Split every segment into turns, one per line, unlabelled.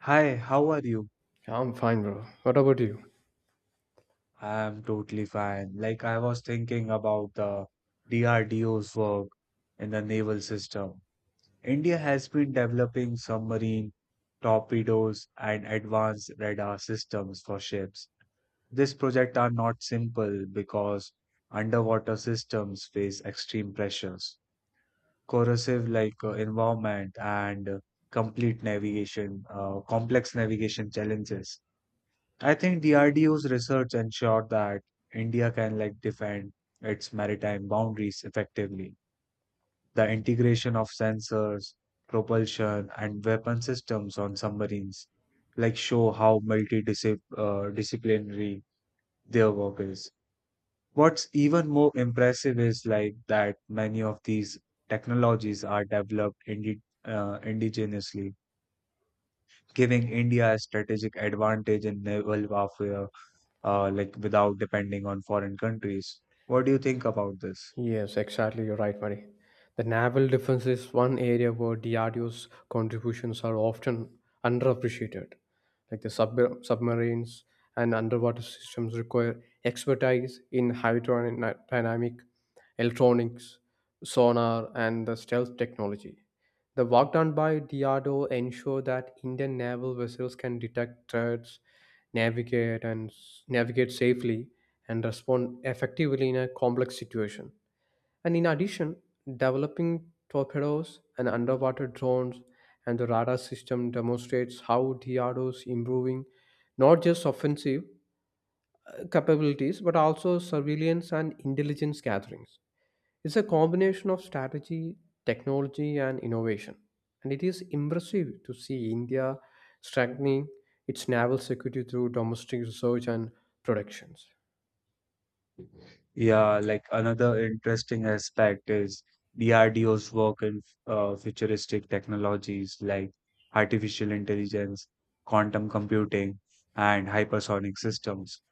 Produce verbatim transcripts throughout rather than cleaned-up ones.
Hi, how are you?
Yeah, I'm fine, bro. What about you?
I'm totally fine. Like, I was thinking about the D R D O's work in the naval system. India has been developing submarine torpedoes and advanced radar systems for ships. This project are not simple because underwater systems face extreme pressures, corrosive like uh, environment and uh, complete navigation, uh, complex navigation challenges. I think D R D O's research ensured that India can like defend its maritime boundaries effectively. The integration of sensors, propulsion, and weapon systems on submarines like show how multidisciplinary their work is. What's even more impressive is like that many of these technologies are developed indi- uh, indigenously, giving India a strategic advantage in naval warfare uh, like without depending on foreign countries. What do you think about this?
Yes, exactly. You're right, Mari. The naval defense is one area where D R D O's contributions are often underappreciated. Like the sub- submarines and underwater systems require expertise in hydrodynamic, electronics, sonar, and the stealth technology. The work done by D R D O ensure that Indian naval vessels can detect threats, navigate and s- navigate safely, and respond effectively in a complex situation. And in addition, developing torpedoes and underwater drones and the radar system demonstrates how D R O is improving not just offensive uh, capabilities but also surveillance and intelligence gatherings. It's a combination of strategy, technology, and innovation. And it is impressive to see India strengthening its naval security through domestic research and productions.
Yeah, like another interesting aspect is D R D O's work in uh, futuristic technologies like artificial intelligence, quantum computing, and hypersonic systems.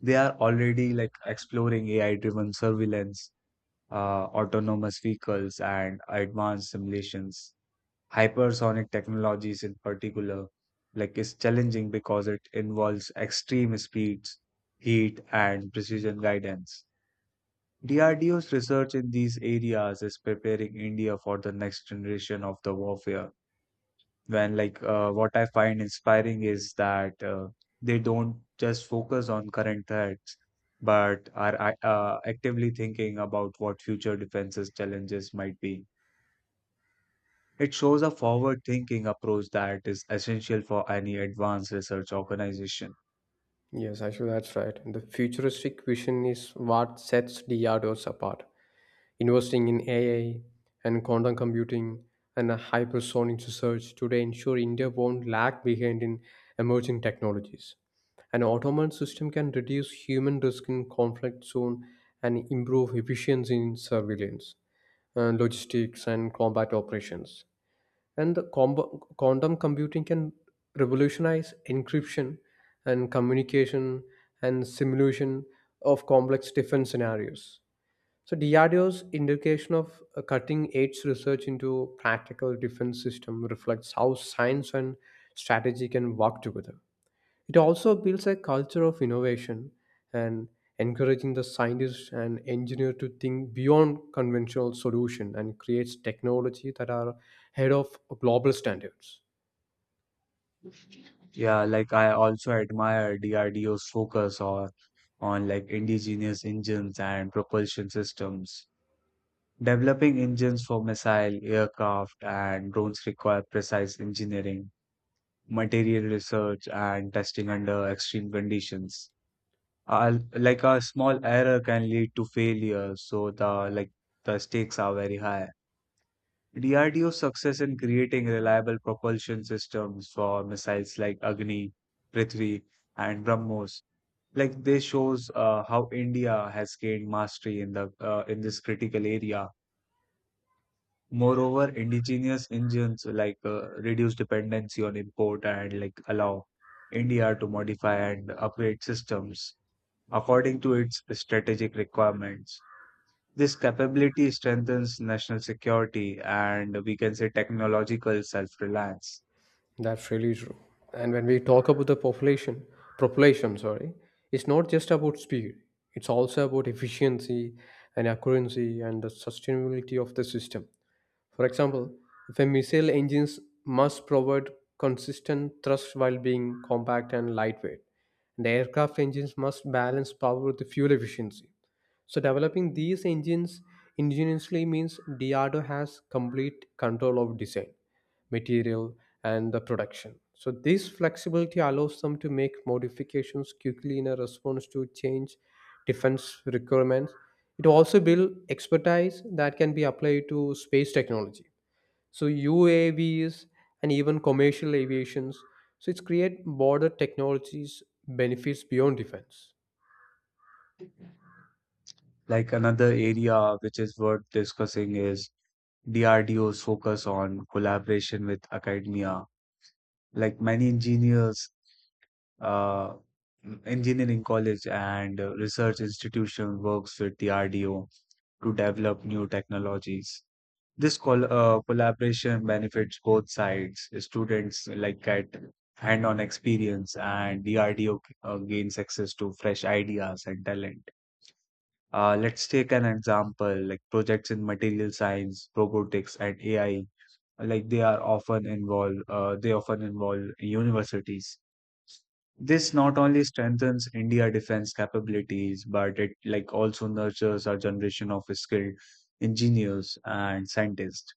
They are already like exploring A I-driven surveillance, uh, autonomous vehicles, and advanced simulations. Hypersonic technologies in particular like is challenging because it involves extreme speeds, heat and precision guidance. DRDO's research in these areas is preparing India for the next generation of the warfare when like uh, what I find inspiring is that uh, they don't just focus on current threats but are uh, actively thinking about what future defenses challenges might be. It shows a forward thinking approach that is essential for any advanced research organization.
Yes, actually, that's right. The futuristic vision is what sets D R D Os apart. Investing in A I and quantum computing and hypersonic research today ensure India won't lag behind in emerging technologies. An automated system can reduce human risk in conflict zone and improve efficiency in surveillance, uh, logistics, and combat operations. And the comb- quantum computing can revolutionize encryption and communication and simulation of complex defense scenarios. So D R D O's indication of cutting edge research into practical defense system reflects how science and strategy can work together. It also builds a culture of innovation and encouraging the scientists and engineers to think beyond conventional solution and creates technology that are ahead of global standards.
Yeah, like I also admire D R D O's focus on, on like indigenous engines and propulsion systems. Developing engines for missile, aircraft, and drones require precise engineering, material research, and testing under extreme conditions. Uh, like a small error can lead to failure, so the like the stakes are very high. D R D O's success in creating reliable propulsion systems for missiles like Agni, Prithvi, and BrahMos, like this shows uh, how India has gained mastery in the uh, in this critical area. Moreover, indigenous engines like uh, reduce dependency on import and like allow India to modify and upgrade systems according to its strategic requirements. This capability strengthens national security and we can say technological self reliance.
That's really true. And when we talk about the population, population, sorry, it's not just about speed. It's also about efficiency and accuracy and the sustainability of the system. For example, if a missile engines must provide consistent thrust while being compact and lightweight, and the aircraft engines must balance power with the fuel efficiency. So developing these engines ingeniously means D R D O has complete control of design material, and the production. So, this flexibility allows them to make modifications quickly in a response to change defense requirements. It also builds expertise that can be applied to space technology. So, U A Vs and even commercial aviations. So, it's create border technologies benefits beyond defense.
Like another area which is worth discussing is D R D O's focus on collaboration with academia. Like many engineers, uh, engineering college and uh, research institution works with D R D O to develop new technologies. This col uh, collaboration benefits both sides. Students like get hand-on experience, and D R D O uh, gains access to fresh ideas and talent. Uh, let's take an example, like projects in material science, robotics, and A I. Like they are often involve, uh, they often involve universities. This not only strengthens India defense capabilities, but it like also nurtures our generation of skilled engineers and scientists.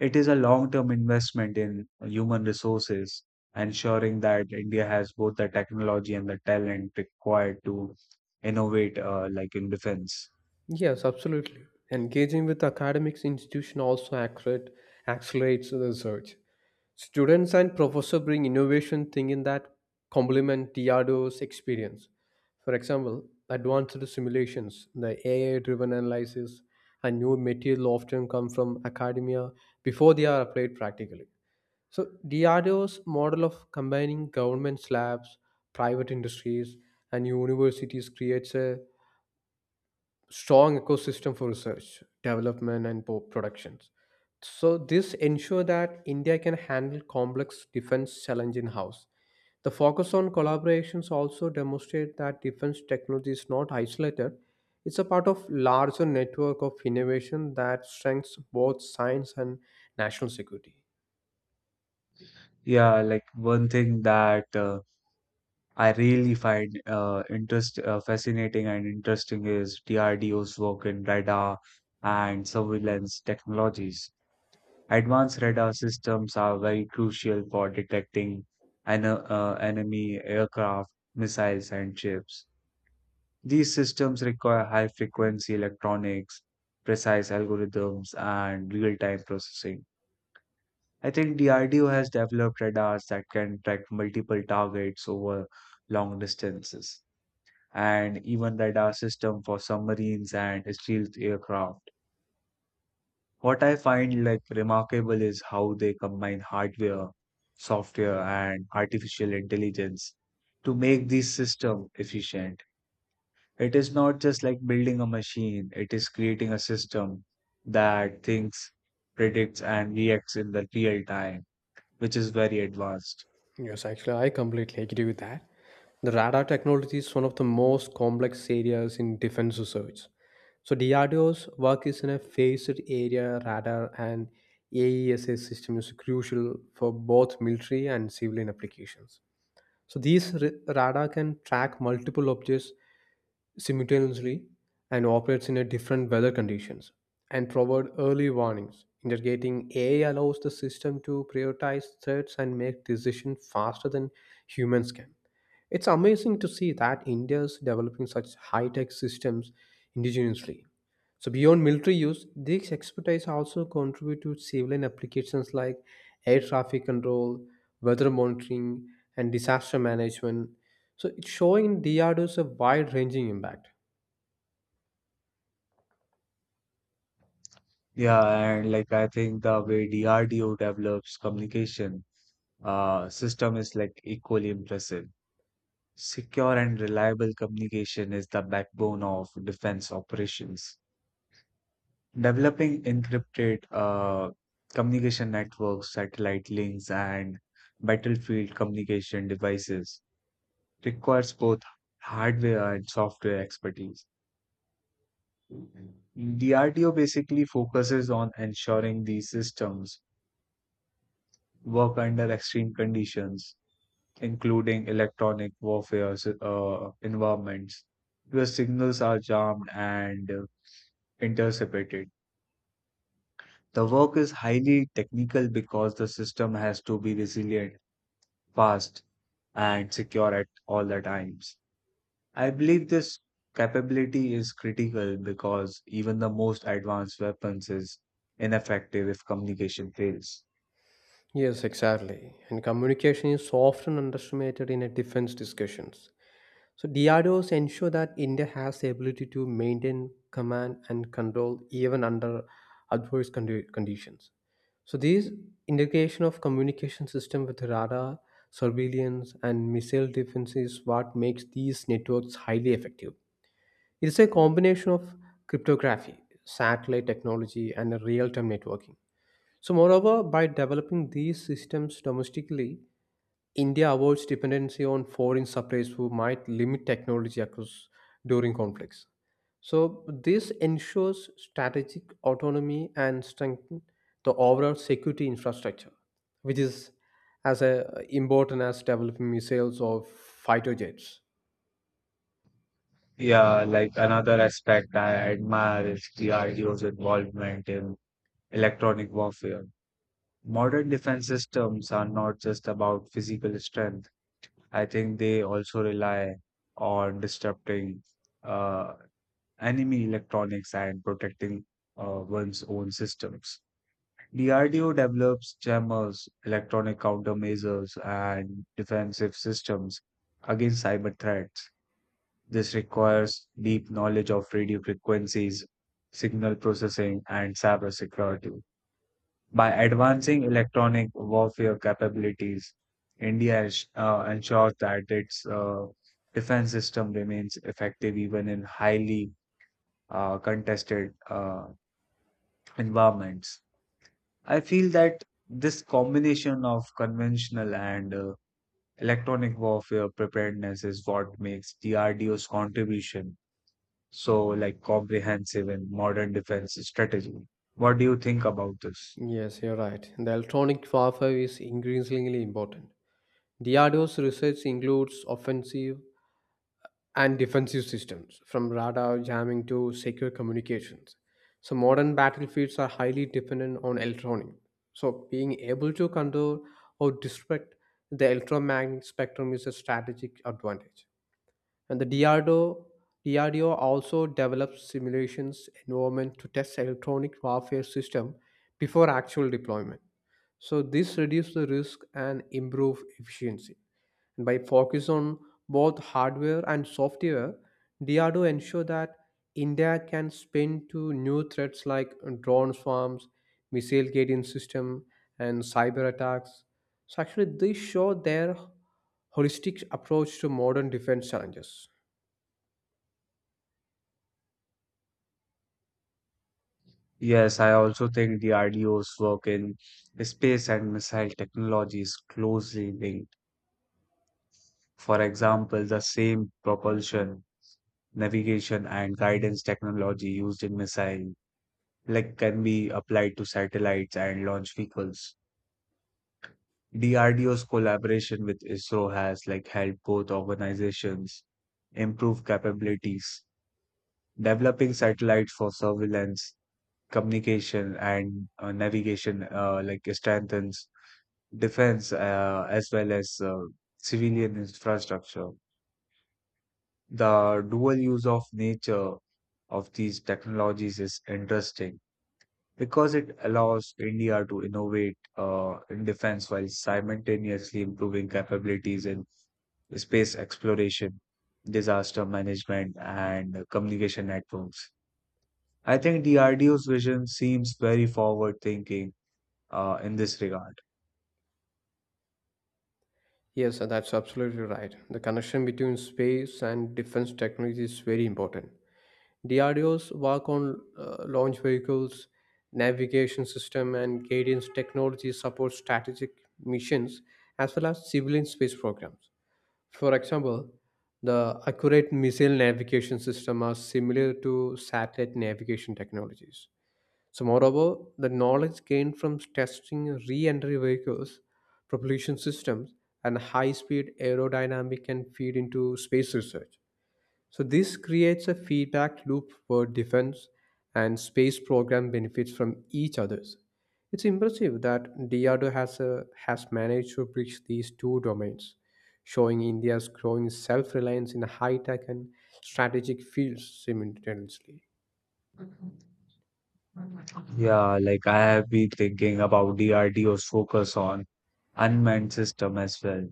It is a long-term investment in human resources, ensuring that India has both the technology and the talent required to innovate, uh, like in defense.
Yes, absolutely. Engaging with academics institution also accelerate, accelerates the research. Students and professor bring innovation thinking that complement D R D O's experience. For example, advanced simulations, the A I-driven analysis, and new material often come from academia before they are applied practically. So D R D O's model of combining government labs, private industries, and universities creates a strong ecosystem for research, development, and po- productions. So this ensure that India can handle complex defense challenge in house. The focus on collaborations also demonstrate that defense technology is not isolated. It's a part of larger network of innovation that strengthens both science and national security.
Yeah, like one thing that uh, I really find uh, interest uh, fascinating and interesting is D R D O's work in radar and surveillance technologies. Advanced radar systems are very crucial for detecting an, uh, enemy aircraft, missiles, and ships. These systems require high frequency electronics, precise algorithms, and real time processing. I think D R D O has developed radars that can track multiple targets over long distances, and even radar system for submarines and stealth aircraft. What I find like remarkable is how they combine hardware, software, and artificial intelligence to make these systems efficient. It is not just like building a machine, it is creating a system that thinks, predicts, and reacts in the real time, which is very advanced.
Yes, actually, I completely agree with that. The radar technology is one of the most complex areas in defense research. So, D R D O's work is in a phased area radar and A E S A system is crucial for both military and civilian applications. So, these ra- radar can track multiple objects simultaneously and operates in a different weather conditions and provide early warnings. Integrating A I allows the system to prioritize threats and make decisions faster than humans can. It's amazing to see that India is developing such high-tech systems indigenously. So beyond military use, these expertise also contribute to civilian applications like air traffic control, weather monitoring, and disaster management. So it's showing D R D O's a wide-ranging impact.
Yeah, and like I think the way D R D O develops communication uh, system is like equally impressive. Secure and reliable communication is the backbone of defense operations. Developing encrypted uh, communication networks, satellite links, and battlefield communication devices requires both hardware and software expertise. D R D O basically focuses on ensuring these systems work under extreme conditions, including electronic warfare uh, environments where signals are jammed and uh, intercepted. The work is highly technical because the system has to be resilient, fast, and secure at all the times. I believe this capability is critical because even the most advanced weapons is ineffective if communication fails.
Yes, exactly. And communication is often underestimated in a defense discussions. So D R D Os ensure that India has the ability to maintain command and control even under adverse condi- conditions. So these integration of communication system with radar, surveillance, and missile defense is what makes these networks highly effective. It's a combination of cryptography, satellite technology, and real-time networking. So, moreover, by developing these systems domestically, India avoids dependency on foreign suppliers who might limit technology access during conflicts. So, this ensures strategic autonomy and strengthens the overall security infrastructure, which is as uh, important as developing missiles or fighter jets.
Yeah, like another aspect I admire is D R D O's involvement in electronic warfare. Modern defense systems are not just about physical strength. I think they also rely on disrupting uh, enemy electronics and protecting uh, one's own systems. D R D O develops jammers, electronic countermeasures, and defensive systems against cyber threats. This requires deep knowledge of radio frequencies, signal processing, and cybersecurity. By advancing electronic warfare capabilities, India ens- uh, ensures that its uh, defense system remains effective even in highly uh, contested uh, environments. I feel that this combination of conventional and uh, electronic warfare preparedness is what makes D R D O's contribution so like comprehensive in modern defense strategy. What do you think about this?
Yes, you're right. The electronic warfare is increasingly important. D R D O's research includes offensive and defensive systems, from radar jamming to secure communications. So, modern battlefields are highly dependent on electronic. So, being able to control or disrupt the electromagnetic spectrum is a strategic advantage. And the D R D O, D R D O also develops simulations environment to test electronic warfare system before actual deployment. So, this reduces the risk and improve efficiency. And by focus on both hardware and software, D R D O ensure that India can spin to new threats like drone swarms, missile guidance system, and cyber attacks. So actually, they show their holistic approach to modern defense challenges.
Yes, I also think the D R D O's work in space and missile technology is closely linked. For example, the same propulsion, navigation, and guidance technology used in missile like can be applied to satellites and launch vehicles. D R D O's collaboration with I S R O has like helped both organizations improve capabilities, developing satellites for surveillance, communication, and uh, navigation, uh, like strengthens defense uh, as well as uh, civilian infrastructure. The dual use of nature of these technologies is interesting because it allows India to innovate uh, in defense while simultaneously improving capabilities in space exploration, disaster management, and communication networks. I think D R D O's vision seems very forward thinking uh, in this regard.
Yes, that's absolutely right. The connection between space and defense technology is very important. D R D O's work on uh, launch vehicles, navigation system, and guidance technology supports strategic missions as well as civilian space programs. For example, the accurate missile navigation system are similar to satellite navigation technologies. So, moreover, the knowledge gained from testing re-entry vehicles, propulsion systems, and high-speed aerodynamic can feed into space research. So this creates a feedback loop where defense and space program benefits from each other's. It's impressive that D R D O has, uh, has managed to bridge these two domains, showing India's growing self-reliance in high-tech and strategic fields simultaneously.
Yeah, like I have been thinking about D R D O's focus on unmanned system as well.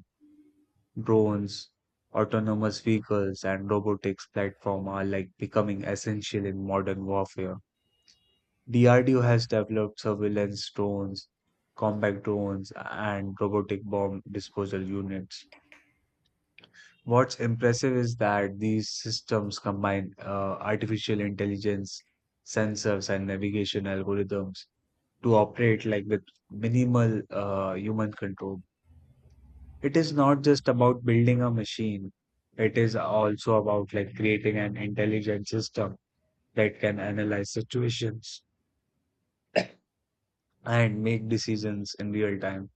Drones, autonomous vehicles, and robotics platform are like becoming essential in modern warfare. D R D O has developed surveillance drones, combat drones, and robotic bomb disposal units. What's impressive is that these systems combine uh, artificial intelligence, sensors, and navigation algorithms to operate like with minimal uh, human control. It is not just about building a machine. It is also about like creating an intelligent system that can analyze situations and make decisions in real time.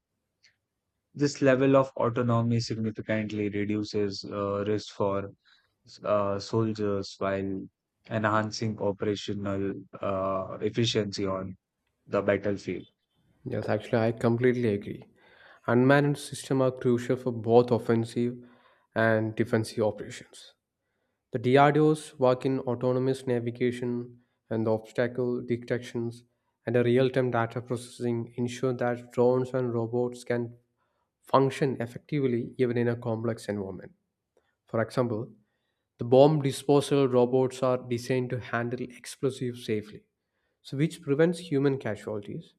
This level of autonomy significantly reduces uh, risk for uh, soldiers while enhancing operational uh, efficiency on the battlefield.
Yes, actually, I completely agree. Unmanned systems are crucial for both offensive and defensive operations. The D R D O's work in autonomous navigation and the obstacle detections and the real-time data processing ensure that drones and robots can function effectively even in a complex environment. For example, the bomb disposal robots are designed to handle explosives safely, so which prevents human casualties.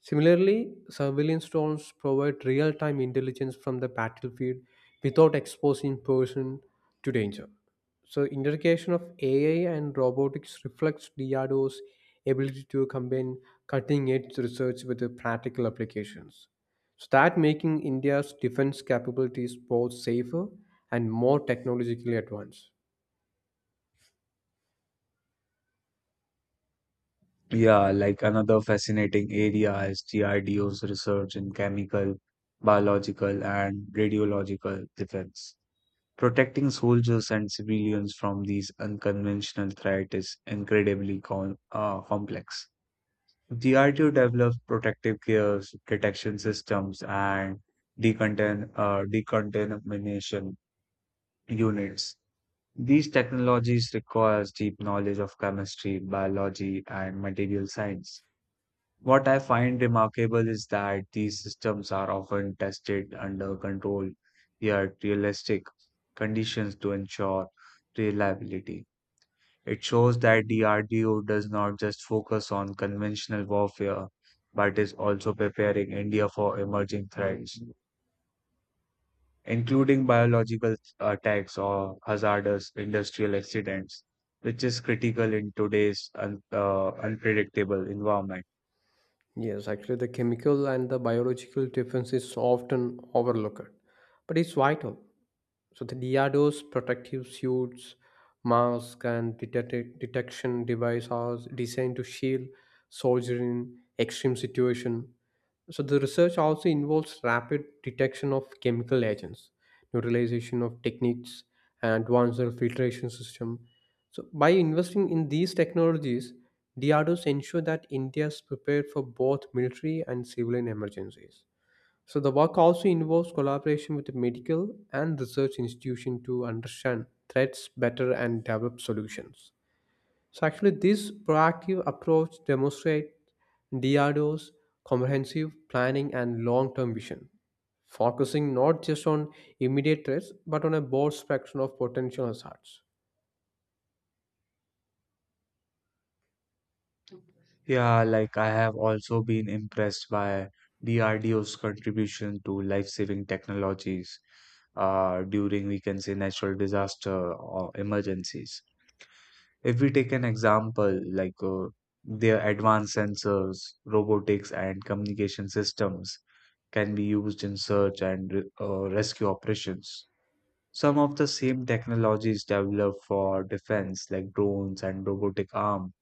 Similarly, surveillance drones provide real time intelligence from the battlefield without exposing person to danger. So, integration of A I and robotics reflects D R D O's ability to combine cutting edge research with the practical applications. So, that making India's defense capabilities both safer and more technologically advanced.
Yeah, like another fascinating area is G R D O's research in chemical, biological, and radiological defense. Protecting soldiers and civilians from these unconventional threats is incredibly com- uh, complex. D R D O developed protective gears, detection systems, and decontam- uh, decontamination units. These technologies requires deep knowledge of chemistry, biology, and material science. What I find remarkable is that these systems are often tested under controlled yet realistic conditions to ensure reliability. It shows that the R D O does not just focus on conventional warfare, but is also preparing India for emerging threats, including biological attacks or hazardous industrial accidents, which is critical in today's un- uh, unpredictable environment.
Yes, actually, the chemical and the biological difference is often overlooked, but it's vital. So the Diado's protective suits, mask, and detect- detection device are designed to shield soldiers in extreme situation. So the research also involves rapid detection of chemical agents, neutralization of techniques, and advanced filtration system. So by investing in these technologies, D R D Os ensure that India is prepared for both military and civilian emergencies. So the work also involves collaboration with the medical and research institution to understand threats better and develop solutions. So actually this proactive approach demonstrates D R D O's comprehensive planning and long-term vision, focusing not just on immediate threats but on a broad spectrum of potential hazards.
Yeah, like I have also been impressed by D R D O's contribution to life-saving technologies uh, during, we can say, natural disaster or emergencies. If we take an example like uh, their advanced sensors, robotics, and communication systems can be used in search and re- uh, rescue operations. Some of the same technologies developed for defense, like drones and robotic arm,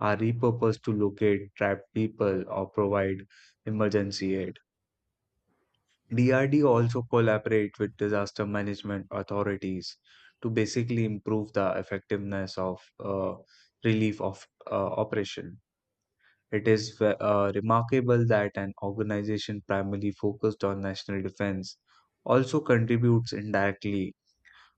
are repurposed to locate trapped people or provide emergency aid. D R D also collaborate with disaster management authorities to basically improve the effectiveness of uh, relief of uh, operation. It is ve- uh, remarkable that an organization primarily focused on national defense also contributes indirectly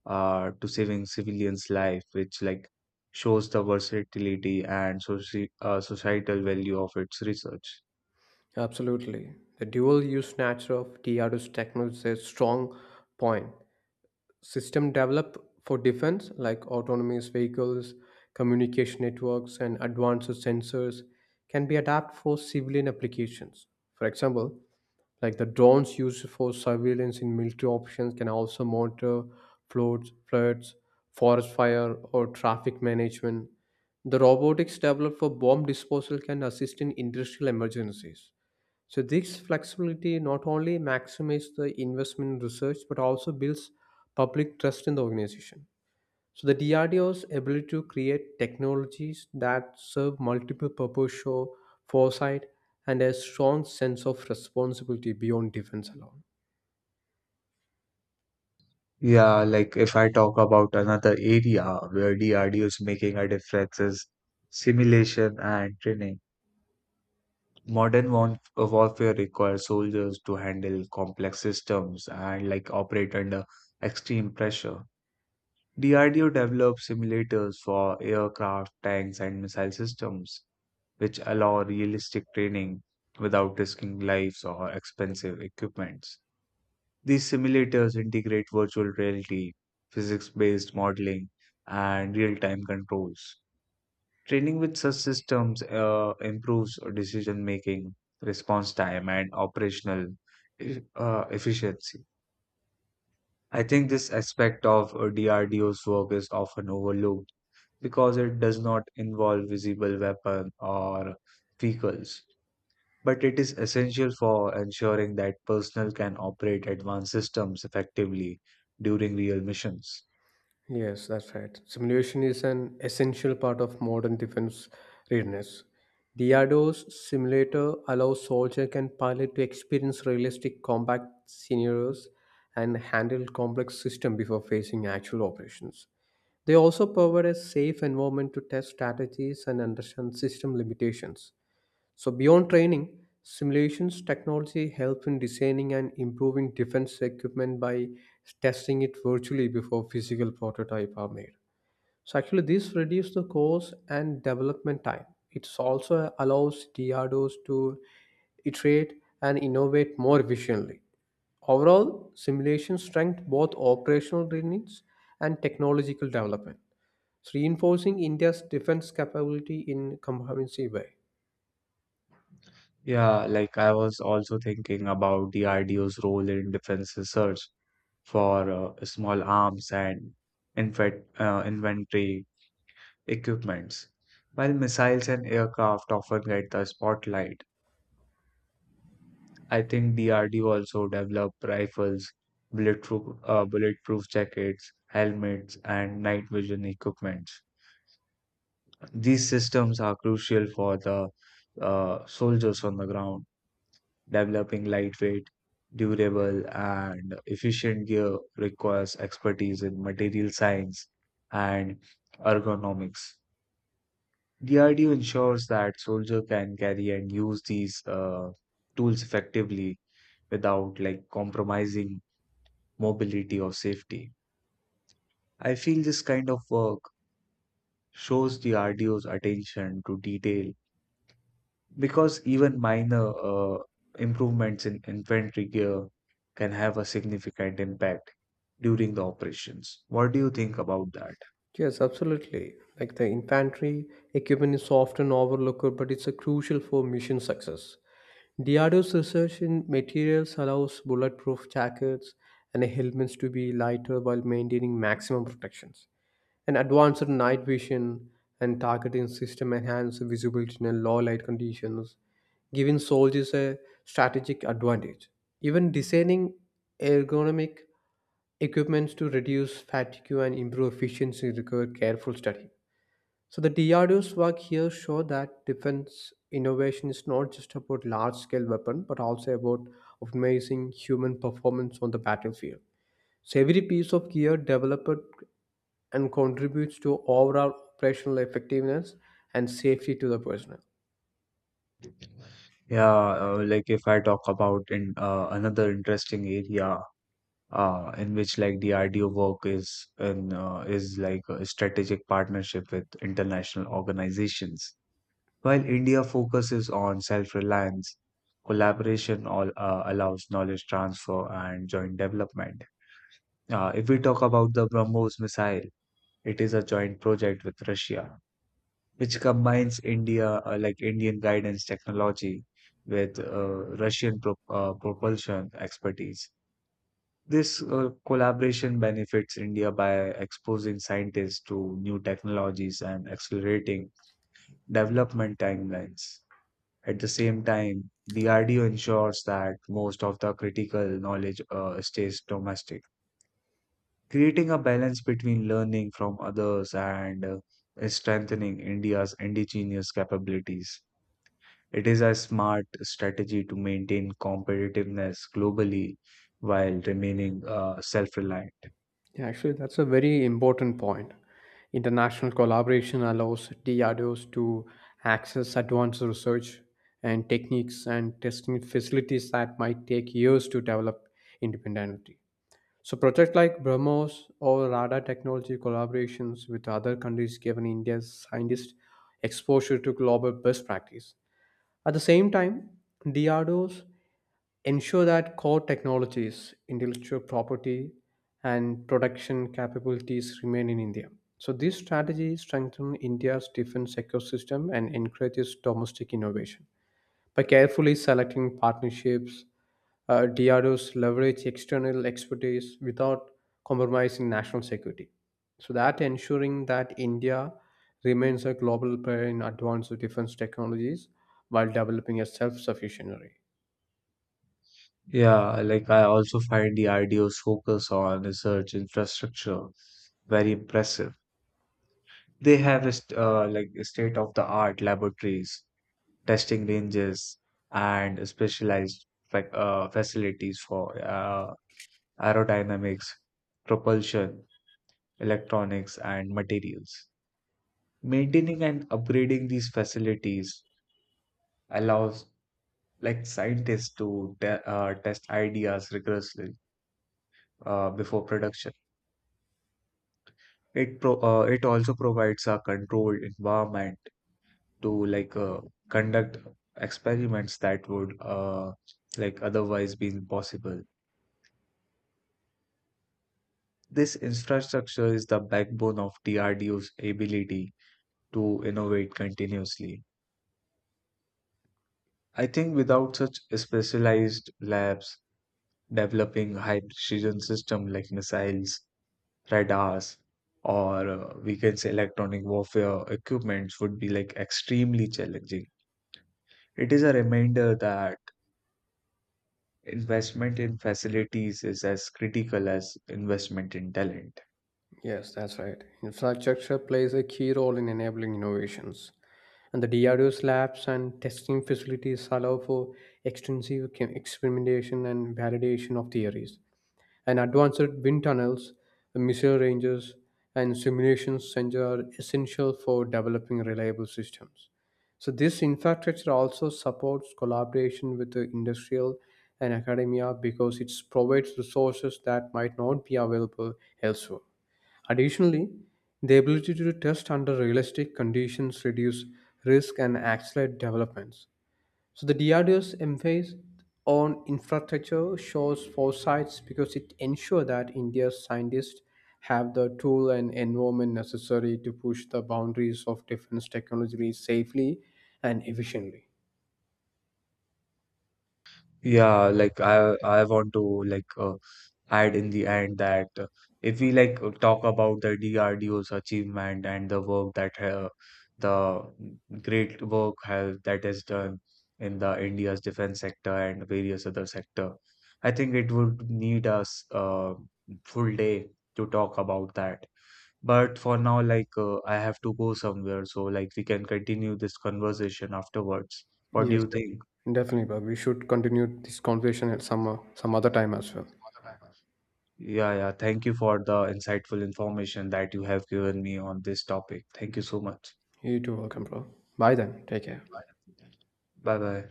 uh, to saving civilians' life, which like shows the versatility and soci- uh, societal value of its research.
Absolutely. The dual use nature of D R D O's technology is a strong point. System developed for defense like autonomous vehicles, communication networks, and advanced sensors can be adapted for civilian applications. For example, like the drones used for surveillance in military operations can also monitor floods floods forest fire, or traffic management. The robotics developed for bomb disposal can assist in industrial emergencies. So this flexibility not only maximizes the investment in research but also builds public trust in the organization. So the D R D O's ability to create technologies that serve multiple purposes show foresight and a strong sense of responsibility beyond defense alone.
Yeah, like if I talk about another area where D R D O is making a difference is simulation and training. Modern war warfare requires soldiers to handle complex systems and like operate under extreme pressure. D R D O develops simulators for aircraft, tanks, and missile systems, which allow realistic training without risking lives or expensive equipment. These simulators integrate virtual reality, physics based modeling, and real time controls. Training with such systems uh, improves decision making, response time, and operational e- uh, efficiency. I think this aspect of uh, D R D O's work is often overlooked because it does not involve visible weapon or vehicles but it is essential for ensuring that personnel can operate advanced systems effectively during real missions.
Yes, that's right. Simulation is an essential part of modern defense readiness. D R D O's simulator allows soldier and pilot to experience realistic combat scenarios and handle complex systems before facing actual operations. They also provide a safe environment to test strategies and understand system limitations. So, beyond training, simulations technology helps in designing and improving defense equipment by testing it virtually before physical prototype are made. So, actually, this reduces the cost and development time. It also allows D R D Os to iterate and innovate more efficiently. Overall, simulation strength both operational needs and technological development, so reinforcing India's defense capability in comprehensive way.
Yeah, like I was also thinking about D R D O's role in defense research for uh, small arms and infant, uh, inventory equipments. While missiles and aircraft often get the spotlight, I think D R D O also developed rifles, bulletproof, uh, bulletproof jackets, helmets, and night vision equipment. These systems are crucial for the uh, soldiers on the ground. Developing lightweight, durable, and efficient gear requires expertise in material science and ergonomics. D R D O ensures that soldier can carry and use these uh, tools effectively without like compromising mobility or safety. I feel this kind of work shows the R D O's attention to detail. Because even minor uh, improvements in infantry gear can have a significant impact during the operations. What do you think about that?
Yes, absolutely. Like the infantry equipment is often overlooked, but it's a crucial for mission success. D R D O's research in materials allows bulletproof jackets and helmets to be lighter while maintaining maximum protections. And advanced night vision and targeting system enhance visibility in low light conditions, giving soldiers a strategic advantage. Even designing ergonomic equipments to reduce fatigue and improve efficiency require careful study. So the D R D O's work here show that defense innovation is not just about large-scale weapon, but also about optimizing human performance on the battlefield. So every piece of gear developed and contributes to overall operational effectiveness and safety to the personnel.
Yeah, uh, like if I talk about in uh, another interesting area uh, in which like the R D O work is in, uh, is like a strategic partnership with international organizations. While India focuses on self-reliance, collaboration all, uh, allows knowledge transfer and joint development. Uh, if we talk about the BrahMos missile, it is a joint project with Russia, which combines India, uh, like Indian guidance technology, with uh, Russian pro uh, propulsion expertise. This uh, collaboration benefits India by exposing scientists to new technologies and accelerating development timelines. At the same time, D R D O ensures that most of the critical knowledge uh, stays domestic. Creating a balance between learning from others and uh, strengthening India's indigenous capabilities. It is a smart strategy to maintain competitiveness globally while remaining uh, self-reliant.
Yeah, actually, that's a very important point. International collaboration allows D R D Os to access advanced research and techniques and testing facilities that might take years to develop independently. So, projects like BrahMos or radar technology collaborations with other countries given India's scientists exposure to global best practice. At the same time, D R D Os ensure that core technologies, intellectual property, and production capabilities remain in India. So, this strategy strengthens India's defense ecosystem and encourages domestic innovation. By carefully selecting partnerships, uh, D R Os leverage external expertise without compromising national security. So, that ensuring that India remains a global player in advanced defense technologies while developing a self sufficiency.
Yeah, like I also find the I D O's focus on research infrastructure very impressive. They have est- uh, like state-of-the-art laboratories, testing ranges, and specialized fac uh, facilities for uh, aerodynamics, propulsion, electronics, and materials. Maintaining and upgrading these facilities allows like scientists to te uh, test ideas rigorously uh, before production. It pro uh, it also provides a controlled environment to like uh, conduct experiments that would uh, like otherwise be impossible. This infrastructure is the backbone of D R D O's ability to innovate continuously. I think without such specialized labs developing high precision systems like missiles, radars, or uh, we can say electronic warfare equipments would be like extremely challenging. It is a reminder that investment in facilities is as critical as investment in talent.
Yes, that's right. Infrastructure plays a key role in enabling innovations. And the D R D O's labs and testing facilities allow for extensive chem- experimentation and validation of theories. And advanced wind tunnels, missile ranges, and simulation centers are essential for developing reliable systems. So this infrastructure also supports collaboration with the industrial and academia because it provides resources that might not be available elsewhere. Additionally, the ability to test under realistic conditions reduce risk and accelerate developments. So the D R D O's emphasis on infrastructure shows foresight because it ensures that India's scientists have the tool and environment necessary to push the boundaries of defense technology safely and efficiently.
Yeah, like I I want to like uh, add in the end that uh, if we like uh, talk about the D R D O's achievement and the work that uh, the great work has, that is done in the India's defense sector and various other sector, I think it would need us uh, full day to talk about that. But for now, like uh, I have to go somewhere, so like we can continue this conversation afterwards. What do
Yes,
you think?
de- definitely, bro. We should continue this conversation at some uh, some other time as well.
Yeah, yeah. Thank you for the insightful information that you have given me on this topic. Thank you so much.
You too, welcome, bro. Bye then. Take care.
Bye bye.